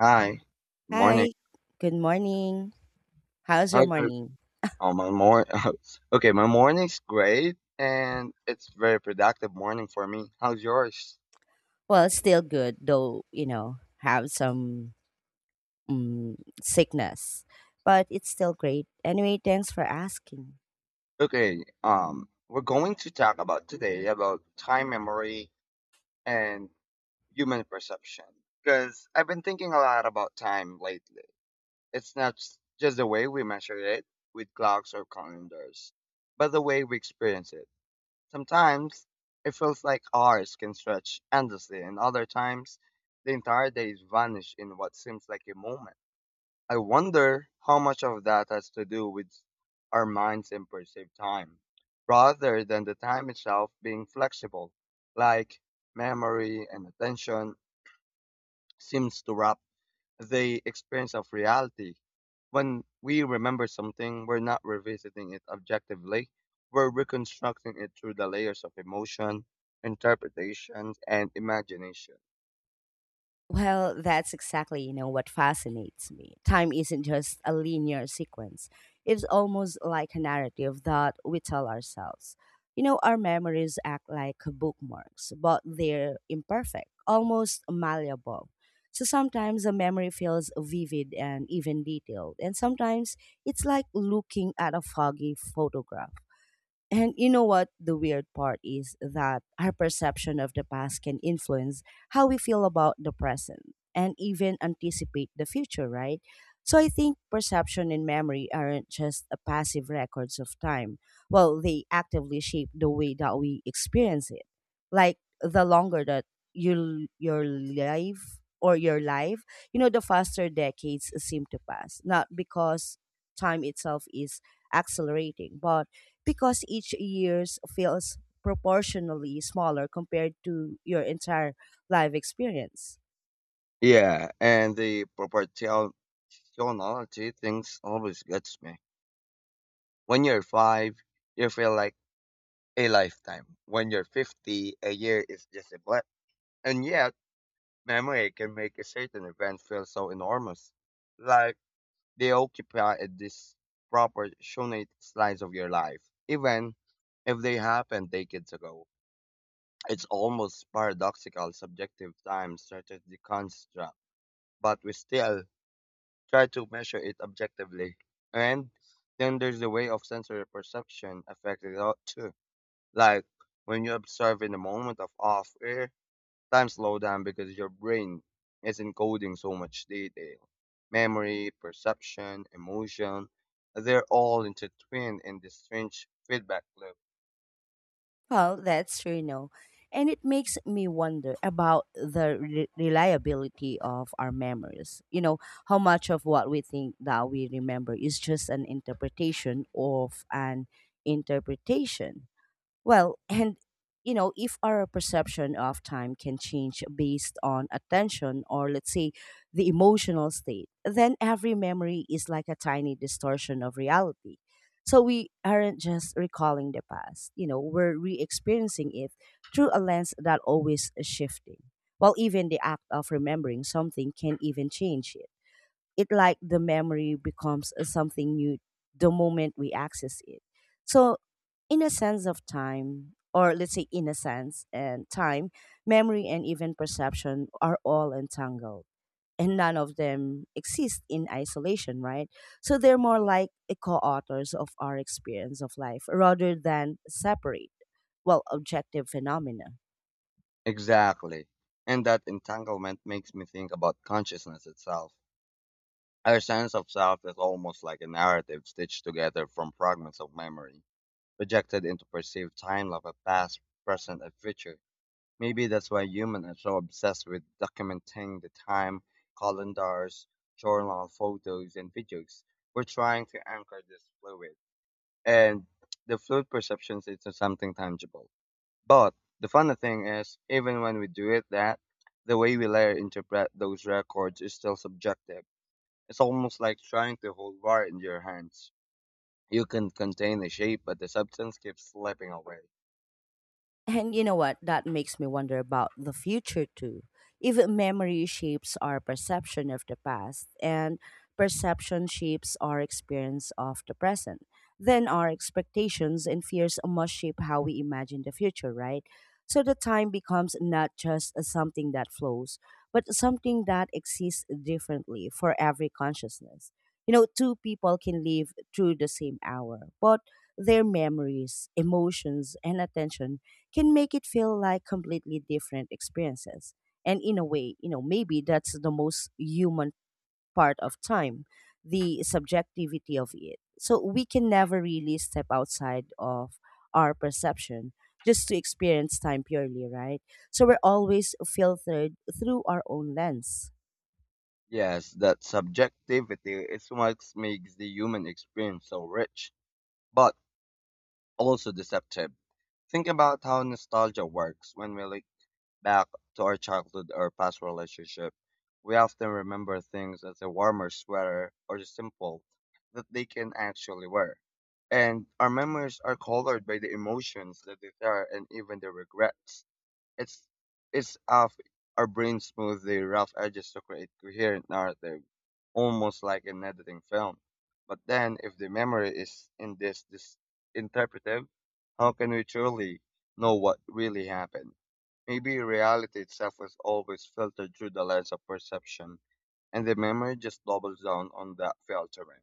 Hi, morning. Hi, good morning. How's your How's your, morning? oh, my mor okay, my morning's great and it's very productive morning for me. How's yours? Well, still good, though, you know, have some mm, sickness, but it's still great. Anyway, thanks for asking. Okay, we're going to talk about today about time memory and human perception because I've been thinking a lot about time lately. It's not just the way we measure it with clocks or calendars, but the way we experience it. Sometimes it feels like hours can stretch endlessly, and other times the entire days vanish in what seems like a moment. I wonder how much of that has to do with our minds and perceived time, rather than the time itself being flexible, like memory and attention seems to wrap the experience of reality. When we remember something, we're not revisiting it objectively. We're reconstructing it through the layers of emotion, interpretations, and imagination. Well, that's exactly, you know, what fascinates me. Time isn't just a linear sequence. It's almost like a narrative that we tell ourselves. You know, our memories act like bookmarks, but they're imperfect, almost malleable. So sometimes a memory feels vivid and even detailed, and sometimes it's like looking at a foggy photograph. And you know what? The weird part is that our perception of the past can influence how we feel about the present and even anticipate the future, right? So I think perception and memory aren't just a passive records of time. Well, they actively shape the way that we experience it. Like the longer that your life, you know, the faster decades seem to pass. Not because time itself is accelerating, but because each year feels proportionally smaller compared to your entire life experience. Yeah, and the proportionality things always gets me. When you're five, you feel like a lifetime. When you're 50, a year is just a blip. And yet, memory can make a certain event feel so enormous like. They occupy a disproportionate slice of your life, even if they happened decades ago. It's almost paradoxical subjective time stretches the construct, but we still try to measure it objectively. And then there's the way of sensory perception affected a lot too. Like when you observe in the moment of off air time slow down because your brain is encoding so much detail. Memory, perception, emotion, they're all intertwined in this strange feedback loop. Well, that's true, you know. And it makes me wonder about the reliability of our memories. You know, how much of what we think that we remember is just an interpretation of an interpretation. Well, and you know, if our perception of time can change based on attention or let's say the emotional state, then every memory is like a tiny distortion of reality. So we aren't just recalling the past, you know, we're re experiencing it through a lens that always is shifting. While even the act of remembering something can even change it like the memory becomes a something new the moment we access it. So, in a sense of time, or let's say in a sense and time, memory and even perception are all entangled and none of them exist in isolation, right? So they're more like a co-authors of our experience of life rather than separate, well, objective phenomena. Exactly. And that entanglement makes me think about consciousness itself. Our sense of self is almost like a narrative stitched together from fragments of memory, projected into perceived time of a past, present, and future. Maybe that's why humans are so obsessed with documenting the time, calendars, journal photos, and videos. We're trying to anchor this fluid and the fluid perceptions into something tangible. But the funny thing is, even when we do it that, the way we later interpret those records is still subjective. It's almost like trying to hold water in your hands. You can contain the shape, but the substance keeps slipping away. And you know what? That makes me wonder about the future too. Even memory shapes our perception of the past, and perception shapes our experience of the present. Then our expectations and fears must shape how we imagine the future, right? So the time becomes not just something that flows, but something that exists differently for every consciousness. You know, two people can live through the same hour, but their memories, emotions, and attention can make it feel like completely different experiences. And in a way, you know, maybe that's the most human part of time, the subjectivity of it. So we can never really step outside of our perception just to experience time purely, right? So we're always filtered through our own lens. Yes, that subjectivity is what makes the human experience so rich, but also deceptive. Think about how nostalgia works when we look back to our childhood or past relationship. We often remember things as a warmer sweater or simple that they can actually wear. And our memories are colored by the emotions that they are and even the regrets. It's it's of our brain smooth the rough edges to create coherent narrative, almost like an editing film. But then, if the memory is in this interpretive, how can we truly know what really happened? Maybe reality itself is always filtered through the lens of perception, and the memory just doubles down on that filtering.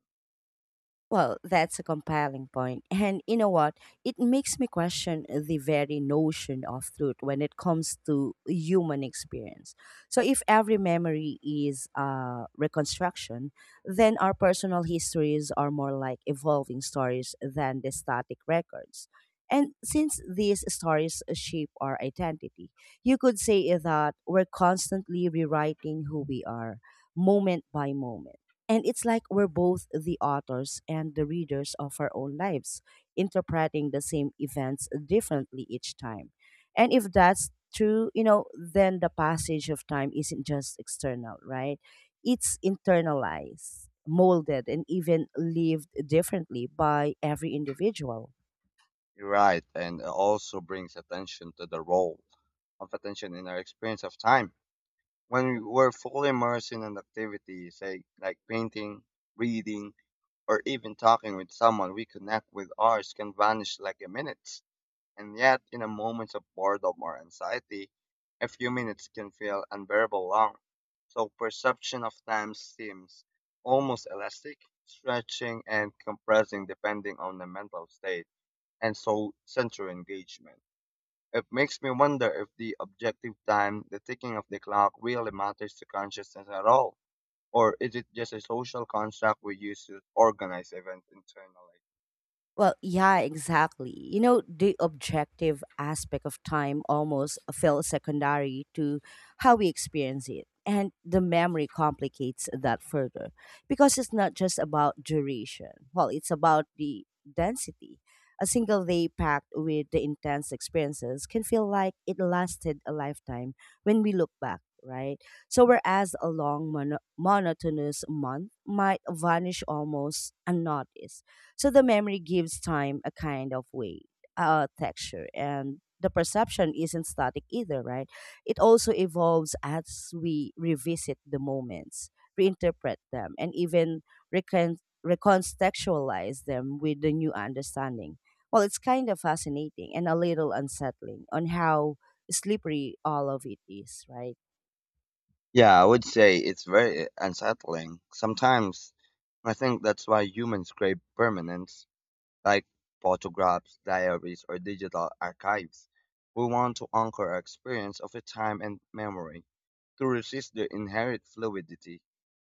Well, that's a compelling point. And you know what? It makes me question the very notion of truth when it comes to human experience. So, if every memory is a reconstruction, then our personal histories are more like evolving stories than the static records. And since these stories shape our identity, you could say that we're constantly rewriting who we are, moment by moment. And it's like we're both the authors and the readers of our own lives, interpreting the same events differently each time. And if that's true, you know, then the passage of time isn't just external, right? It's internalized, molded, and even lived differently by every individual. You're right, and it also brings attention to the role of attention in our experience of time when we were fully immersed in an activity, say like painting, reading, or even talking with someone we connect with, ours can vanish like a minute. And yet, in a moment of boredom or anxiety, a few minutes can feel unbearable long. So perception of time seems almost elastic, stretching and compressing depending on the mental state and so sensory engagement. It makes me wonder if the objective time, the ticking of the clock, really matters to consciousness at all, or is it just a social construct we use to organize events internally? Well, yeah, exactly. You know, the objective aspect of time almost feels secondary to how we experience it. And the memory complicates that further because it's not just about duration. Well, it's about the density. A single day packed with the intense experiences can feel like it lasted a lifetime when we look back, right? So, whereas a long, monotonous month might vanish almost unnoticed so the memory gives time a kind of weight, texture, and the perception isn't static either, right? It also evolves as we revisit the moments, reinterpret them, and even recon- recontextualize them with the new understanding. Well, it's kind of fascinating and a little unsettling on how slippery all of it is, right? Yeah, I would say it's very unsettling. Sometimes I think that's why humans crave permanence, like photographs, diaries, or digital archives. We want to anchor our experience of a time and memory to resist their inherent fluidity.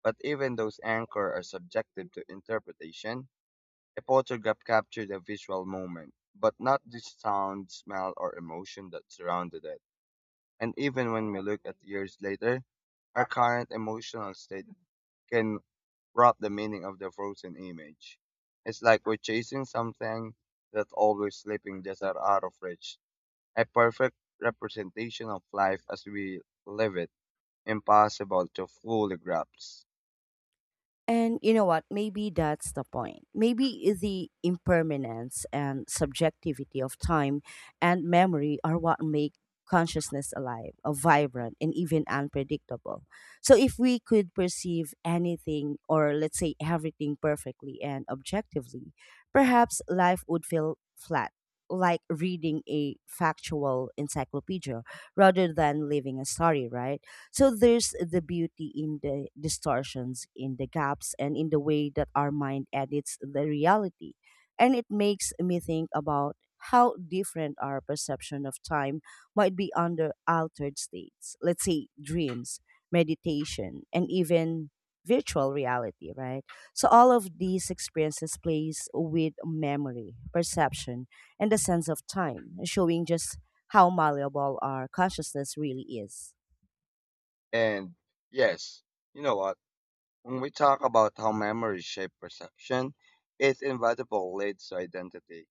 But even those anchors are subjective to interpretation. A photograph captured a visual moment, but not the sound, smell, or emotion that surrounded it. And even when we look at years later, our current emotional state can brought the meaning of the frozen image. It's like we're chasing something that's always sleeping just out of reach. A perfect representation of life as we live it, impossible to fully grasp. And you know what? Maybe that's the point. Maybe the impermanence and subjectivity of time and memory are what make consciousness alive, vibrant, and even unpredictable. So, if we could perceive anything or let's say everything perfectly and objectively, perhaps life would feel flat. Like reading a factual encyclopedia rather than living a story, right? So there's the beauty in the distortions, in the gaps, and in the way that our mind edits the reality. And it makes me think about how different our perception of time might be under altered states. Let's say dreams, meditation, and even virtual reality, right? So all of these experiences plays with memory, perception, and the sense of time, showing just how malleable our consciousness really is. And yes, you know what? When we talk about how memory shape perception, it's inevitable leads to identity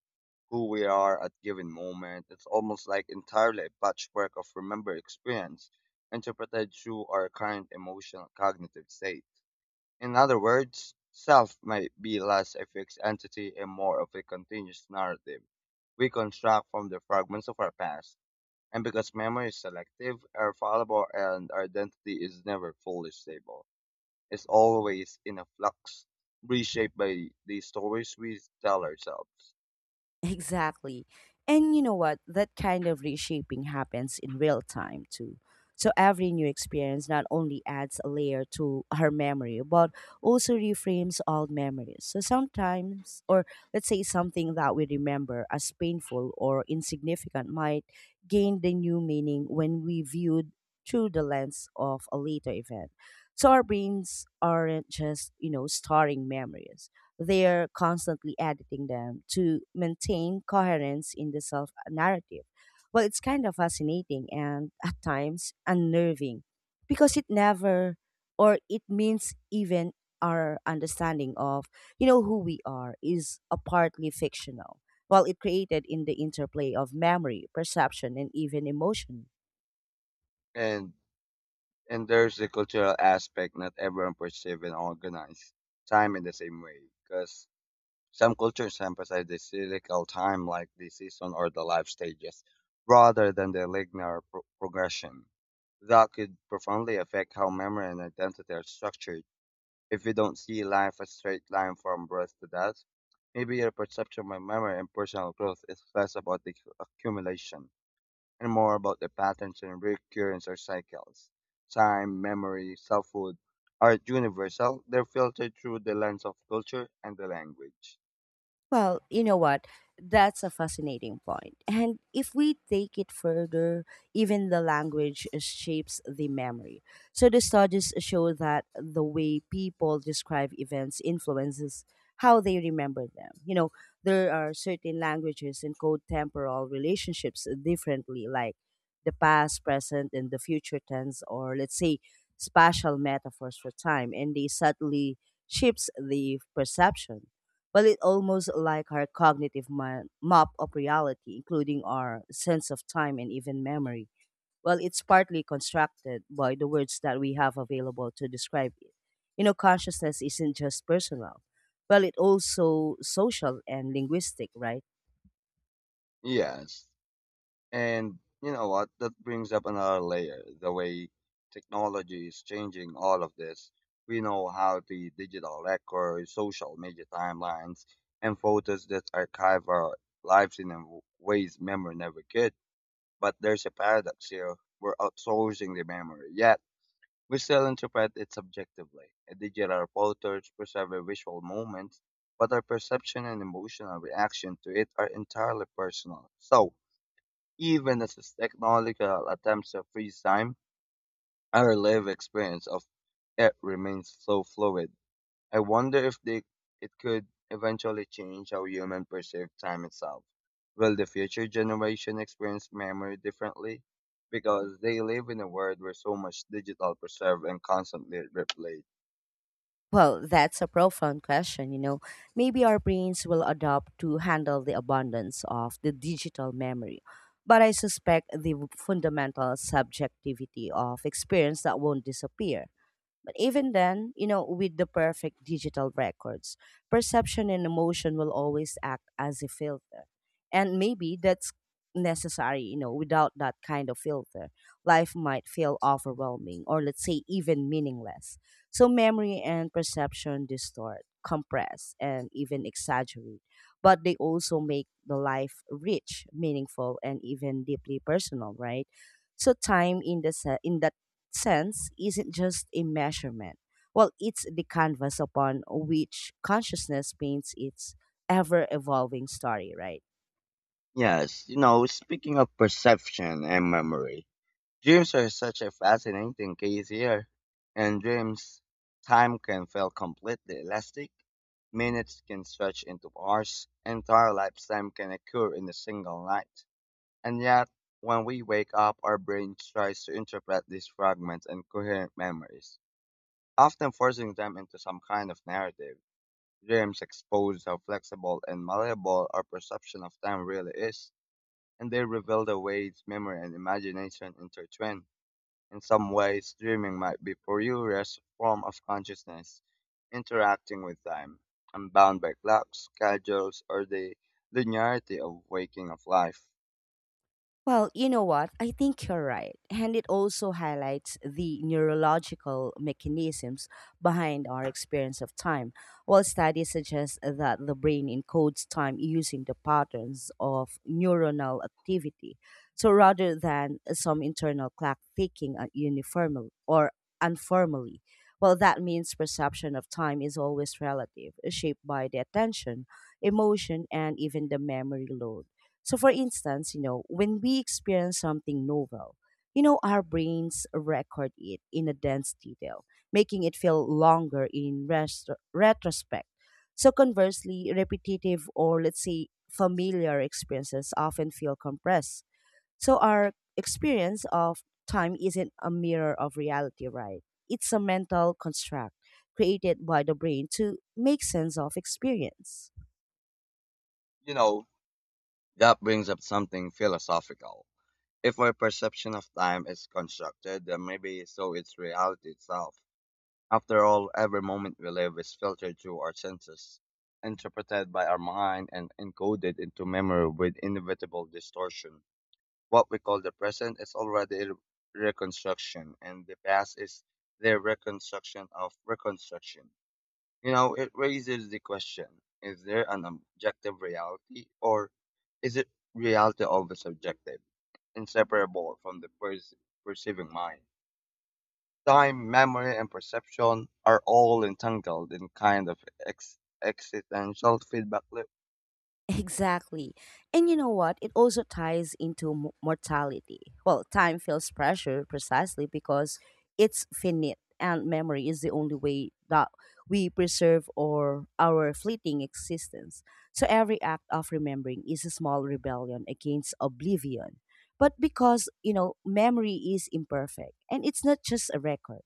who we are at given moment. It's almost like entirely a patchwork of remembered experience interpreted through our current emotional cognitive state. In other words, self might be less a fixed entity and more of a continuous narrative we construct from the fragments of our past. And because memory is selective, are fallible, and our identity is never fully stable. It's always in a flux, reshaped by the stories we tell ourselves. Exactly. And you know what? That kind of reshaping happens in real time too. So every new experience not only adds a layer to her memory, but also reframes old memories. So sometimes, or let's say something that we remember as painful or insignificant might gain the new meaning when we viewed through the lens of a later event. So our brains aren't just, you know, storing memories they're constantly editing them to maintain coherence in the self narrative. Well, it's kind of fascinating and at times unnerving because it never or it means even our understanding of you know who we are is a partly fictional while it created in the interplay of memory perception and even emotion. And And there's the cultural aspect. Not everyone perceives and organize time in the same way, because some cultures emphasize the cyclical time, like the season or the life stages, rather than the linear progression. That could profoundly affect how memory and identity are structured. If you don't see life as a straight line from birth to death, maybe your perception of memory and personal growth is less about the accumulation and more about the patterns and recurrence or cycles. Time, memory, selfhood aren't universal, they're filtered through the lens of culture and the language. Well, you know what? That's a fascinating point. And if we take it further, even the language shapes the memory. So the studies show that the way people describe events influences how they remember them. You know, there are certain languages encode temporal relationships differently, like the past, present, and the future tense, or let's say spatial metaphors for time, and they subtly shapes the perception well, it almost like our cognitive map of reality, including our sense of time and even memory. Well, it's partly constructed by the words that we have available to describe it. You know, consciousness isn't just personal. Well, it also social and linguistic, right? Yes, and you know what? That brings up another layer the way technology is changing all of this. We know how the digital record, social media timelines, and photos that archive our lives in a ways memory never could. But there's a paradox here. We're outsourcing the memory, yet we still interpret it subjectively. Digital photos preserve visual moments, but our perception and emotional reaction to it are entirely personal. So, even as this technological attempts to freeze time, our lived experience of it remains so fluid. I wonder if they, It could eventually change how humans perceive time itself. Will the future generation experience memory differently? Because they live in a world where so much digital preserved and constantly replayed. Well, that's a profound question, you know. Maybe our brains will adopt to handle the abundance of the digital memory. But I suspect the fundamental subjectivity of experience that won't disappear. But even then, you know, with the perfect digital records, perception and emotion will always act as a filter. And maybe that's necessary, you know, without that kind of filter, life might feel overwhelming or let's say even meaningless. So memory and perception distort, compress, and even exaggerate. But they also make the life rich, meaningful, and even deeply personal, right? So time in the in that sense isn't just a measurement. Well, it's the canvas upon which consciousness paints its ever evolving story, right? Yes, you know, speaking of perception and memory, dreams are such a fascinating case here. In dreams, time can feel completely elastic. Minutes can stretch into hours. Entire lifetime can occur in a single night. And yet, when we wake up, our brain tries to interpret these fragments and coherent memories, often forcing them into some kind of narrative. Dreams expose how flexible and malleable our perception of time really is, and they reveal the ways memory and imagination intertwine. In some ways, dreaming might be purest form of consciousness, interacting with time, unbound by clocks, schedules, or the linearity of waking of life. Well, you know what? I think you're right. And it also highlights the neurological mechanisms behind our experience of time. While studies suggest that the brain encodes time using the patterns of neuronal activity. So rather than some internal clock ticking uniformly or unformally, well, that means perception of time is always relative, shaped by the attention, emotion, and even the memory load. So, for instance, you know, when we experience something novel, you know, our brains record it in a dense detail, making it feel longer in retrospect. So, conversely, repetitive or let's say familiar experiences often feel compressed. So, our experience of time isn't a mirror of reality, right? It's a mental construct created by the brain to make sense of experience. You know, that brings up something philosophical. If our perception of time is constructed, then maybe so is reality itself. After all, every moment we live is filtered through our senses, interpreted by our mind, and encoded into memory with inevitable distortion. What we call the present is already reconstruction, and the past is the reconstruction of reconstruction. You know, it raises the question, is there an objective reality or is it reality of a subjective, inseparable from the perceiving mind? Time, memory, and perception are all entangled in kind of existential feedback loop. Exactly. And you know what? It also ties into mortality. Well, time feels pressure precisely because it's finite and memory is the only way that we preserve or our fleeting existence. So every act of remembering is a small rebellion against oblivion. But because, you know, memory is imperfect and it's not just a record.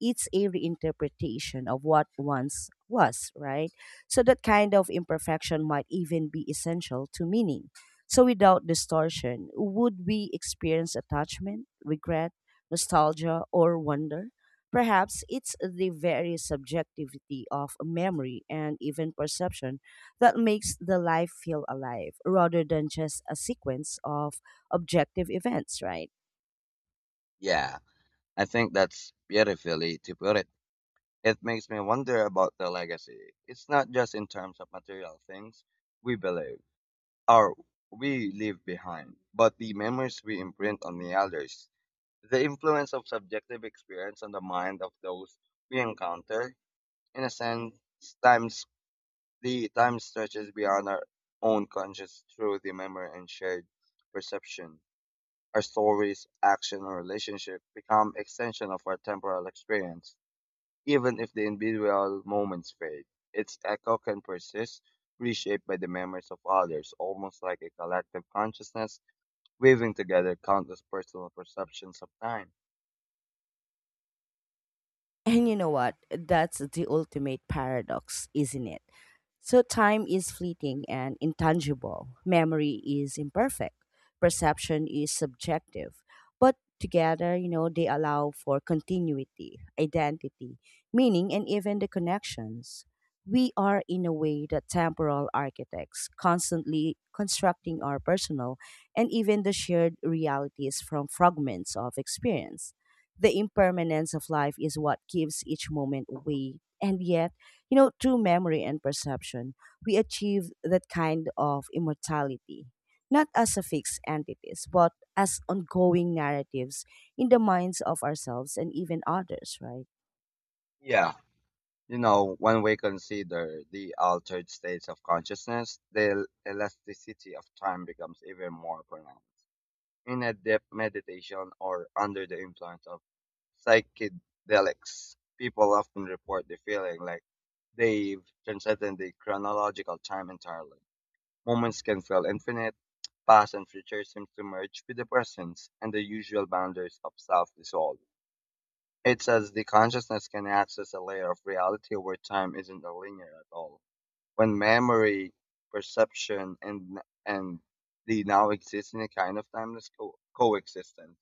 It's a reinterpretation of what once was, right? So that kind of imperfection might even be essential to meaning. So without distortion, would we experience attachment, regret, nostalgia, or wonder? Perhaps it's the very subjectivity of memory and even perception that makes the life feel alive rather than just a sequence of objective events, right? Yeah, I think that's beautifully to put it. It makes me wonder about the legacy. It's not just in terms of material things we believe are we leave behind, but the memories we imprint on the others. The influence of subjective experience on the mind of those we encounter, in a sense, times the time stretches beyond our own conscious through the memory and shared perception. Our stories, action, or relationship become extension of our temporal experience, even if the individual moments fade. Its echo can persist, reshaped by the memories of others, almost like a collective consciousness weaving together countless personal perceptions of time. And you know what? That's the ultimate paradox, isn't it? So time is fleeting and intangible. Memory is imperfect. Perception is subjective. But together, you know, they allow for continuity, identity, meaning, and even the connections. We are, in a way, the temporal architects, constantly constructing our personal and even the shared realities from fragments of experience. The impermanence of life is what gives each moment weight, and yet, you know, through memory and perception, we achieve that kind of immortality, not as a fixed entities, but as ongoing narratives in the minds of ourselves and even others, right? Yeah. You know, when we consider the altered states of consciousness, the elasticity of time becomes even more pronounced. In a deep meditation or under the influence of psychedelics, people often report the feeling like they've transcended the chronological time entirely. Moments can feel infinite, past and future seem to merge with the present, and the usual boundaries of self dissolve. It says the consciousness can access a layer of reality where time isn't a linear at all. When memory, perception, and the now existing kind of timeless coexistence.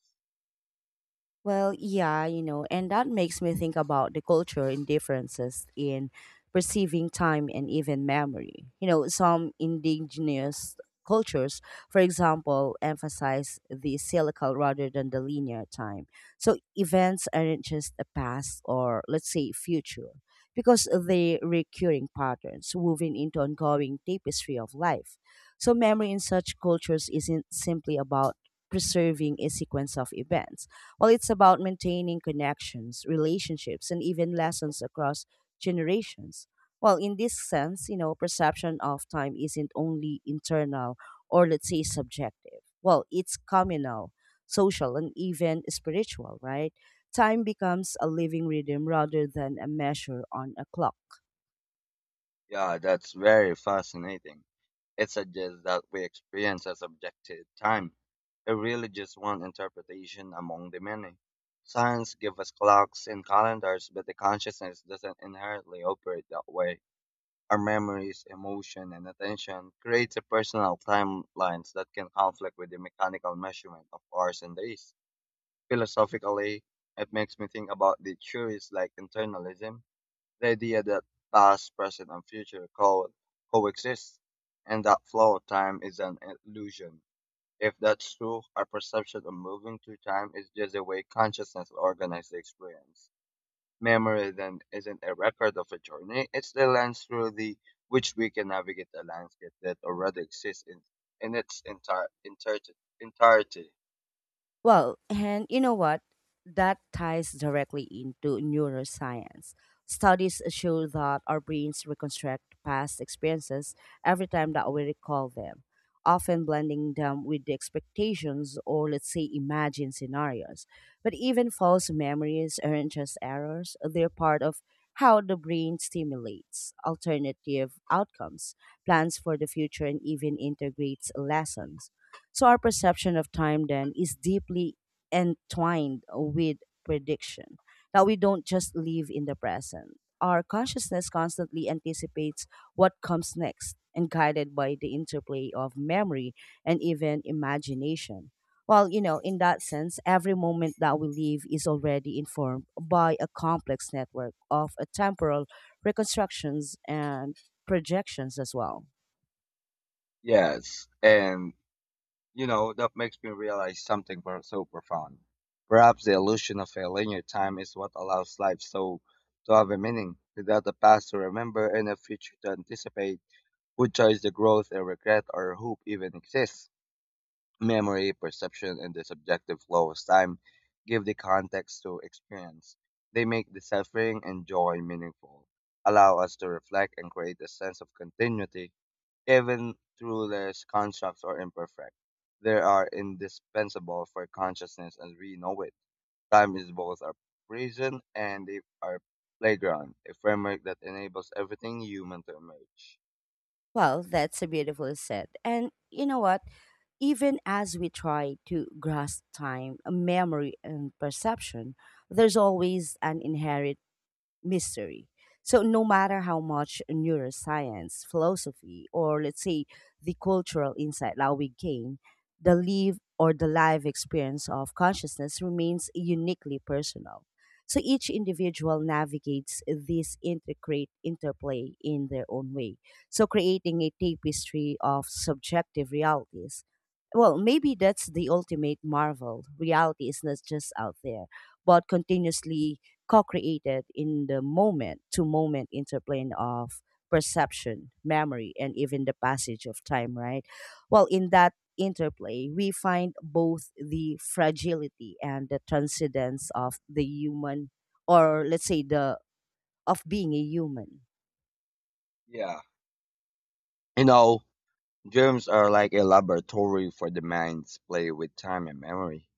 Well, yeah, you know, and that makes me think about the culture and differences in perceiving time and even memory. You know, some indigenous cultures, for example, emphasize the cyclical rather than the linear time. So events aren't just a past or, let's say, future, because they recurring patterns woven into ongoing tapestry of life. So memory in such cultures isn't simply about preserving a sequence of events well, it's about maintaining connections, relationships, and even lessons across generations. Well, in this sense, you know, perception of time isn't only internal or let's say subjective. Well, it's communal, social, and even spiritual, right? Time becomes a living rhythm rather than a measure on a clock. Yeah, that's very fascinating. It suggests that we experience as objective time. It really just one interpretation among the many. Science gives us clocks and calendars, but the consciousness doesn't inherently operate that way. Our memories, emotion, and attention creates a personal timelines that can conflict with the mechanical measurement of hours and days. Philosophically, it makes me think about the theories like internalism, the idea that past, present, and future coexist, and that flow of time is an illusion. If that's true, our perception of moving through time is just a way consciousness organizes the experience. Memory then isn't a record of a journey, it's the lens through the which we can navigate a landscape that already exists in its entirety entirety. Well, and you know what? That ties directly into neuroscience. Studies show that our brains reconstruct past experiences every time that we recall them, often blending them with the expectations or, let's say, imagined scenarios. But even false memories aren't just errors, they're part of how the brain stimulates alternative outcomes, plans for the future, and even integrates lessons so our perception of time then is deeply entwined with prediction. That we don't just live in the present. Our consciousness constantly anticipates what comes next and guided by the interplay of memory and even imagination. Well, you know, in that sense, every moment that we live is already informed by a complex network of temporal reconstructions and projections as well. Yes. And you know, that makes me realize something so profound. Perhaps the illusion of a linear time is what allows life so to have a meaning. Without a past to remember and a future to anticipate, who choose the growth and regret or hope even exists? Memory, perception, and the subjective flow of time give the context to experience. They make the suffering and joy meaningful, allow us to reflect and create a sense of continuity, even through less constructs or imperfect. They are indispensable for consciousness as we know it. Time is both our prison and our playground, a framework that enables everything human to emerge. Well, that's a beautiful set. And you know what? Even as we try to grasp time, memory, and perception, there's always an inherent mystery. So, no matter how much neuroscience, philosophy, or let's say the cultural insight that we gain, the live or the live experience of consciousness remains uniquely personal. So, each individual navigates this intricate interplay in their own way. So, creating a tapestry of subjective realities. Well, maybe that's the ultimate marvel. Reality is not just out there, but continuously co-created in the moment to moment interplane of perception, memory, and even the passage of time, right? Well, in that interplay we find both the fragility and the transcendence of the human, or let's say the of being a human. Yeah. You know, dreams are like a laboratory for the mind's play with time and memory.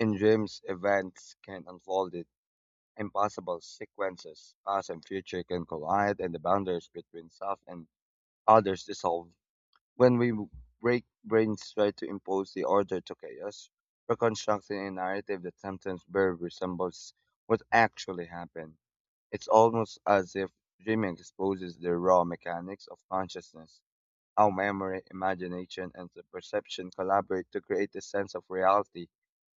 In dreams, events can unfold in impossible sequences. Past and future can collide, and the boundaries between self and others dissolve. When we break brains try to impose the order to chaos, reconstructing a narrative that sometimes barely resembles what actually happened. It's almost as if dreaming exposes the raw mechanics of consciousness our memory, imagination, and the perception collaborate to create a sense of reality,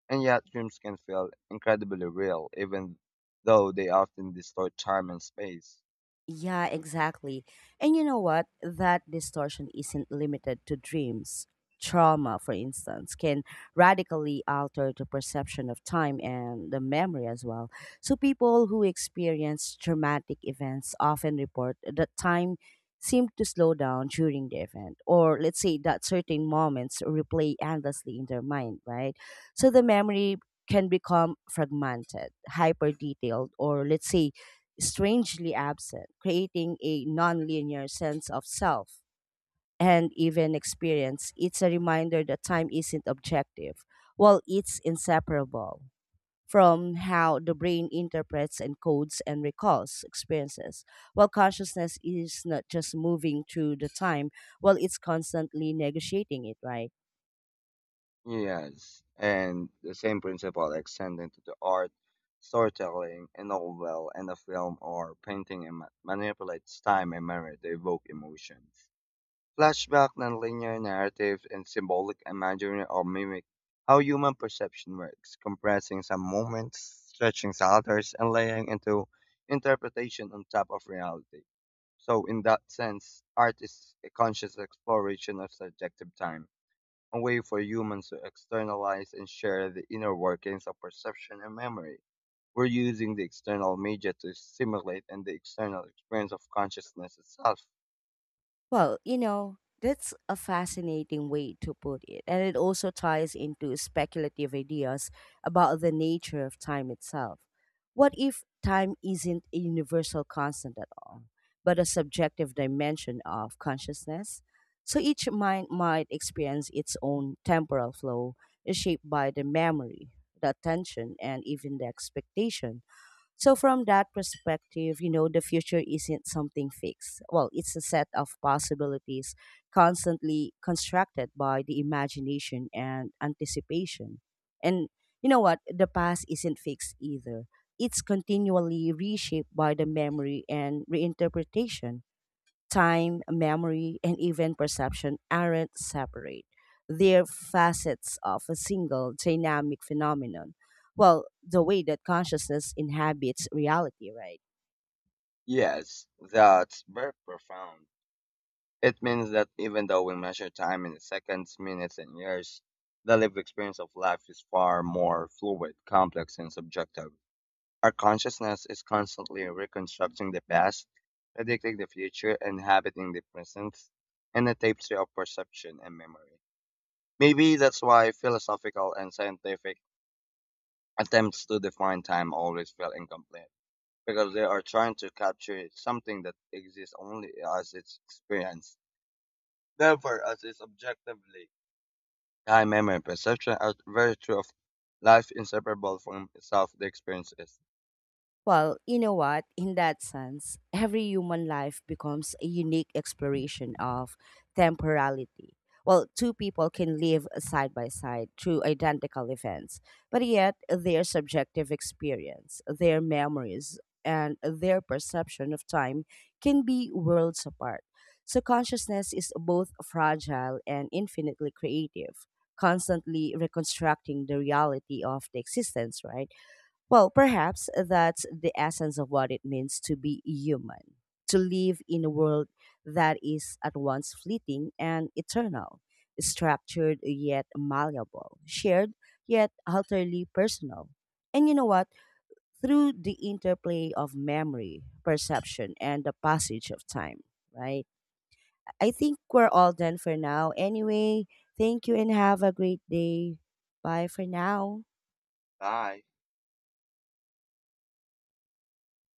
and yet dreams can feel incredibly real, even though they often distort time and space. Yeah, exactly. And you know what? That distortion isn't limited to dreams. Trauma, for instance, can radically alter the perception of time and the memory as well. So, people who experience traumatic events often report that time seemed to slow down during the event, or let's say that certain moments replay endlessly in their mind, right? So, the memory can become fragmented, hyper detailed, or let's say strangely absent, creating a nonlinear sense of self and even experience. It's a reminder that time isn't objective, while it's inseparable from how the brain interprets, encodes, and recalls experiences. While consciousness is not just moving through the time, well, it's constantly negotiating it, right? Yes, and the same principle extends into the art, storytelling, a novel, and a film or painting and manipulates time and memory to evoke emotions. Flashback, nonlinear narratives, and symbolic imagery all mimic how human perception works, compressing some moments, stretching others, and laying into interpretation on top of reality. So, in that sense, art is a conscious exploration of subjective time, a way for humans to externalize and share the inner workings of perception and memory. We're using the external media to simulate and the external experience of consciousness itself. Well, you know, that's a fascinating way to put it, and it also ties into speculative ideas about the nature of time itself. What if time isn't a universal constant at all, but a subjective dimension of consciousness? So each mind might experience its own temporal flow, shaped by the memory, the attention, and even the expectation so from that perspective, you know, the future isn't something fixed. Well, it's a set of possibilities constantly constructed by the imagination and anticipation. And you know what? The past isn't fixed either. It's continually reshaped by the memory and reinterpretation time, memory, and even perception aren't separate. They're facets of a single dynamic phenomenon. Well, the way that consciousness inhabits reality, right? Yes, that's very profound. It means that even though we measure time in seconds, minutes, and years, the lived experience of life is far more fluid, complex, and subjective. Our consciousness is constantly reconstructing the past, predicting the future, inhabiting the present, and the tapestry of perception and memory. Maybe that's why philosophical and scientific attempts to define time always feel incomplete because they are trying to capture something that exists only as its experience, never as its objectively. Time, memory, perception are very true of life inseparable from itself, the experience is. Well, you know what? In that sense, every human life becomes a unique exploration of temporality. Well, two people can live side by side through identical events, but yet their subjective experience, their memories, and their perception of time can be worlds apart. So, consciousness is both fragile and infinitely creative, constantly reconstructing the reality of the existence, right? Well, perhaps that's the essence of what it means to be human, to live in a world that is at once fleeting and eternal, structured yet malleable, shared yet utterly personal. And you know what? Through the interplay of memory, perception, and the passage of time, right? I think we're all done for now. Anyway, thank you and have a great day. Bye for now. I.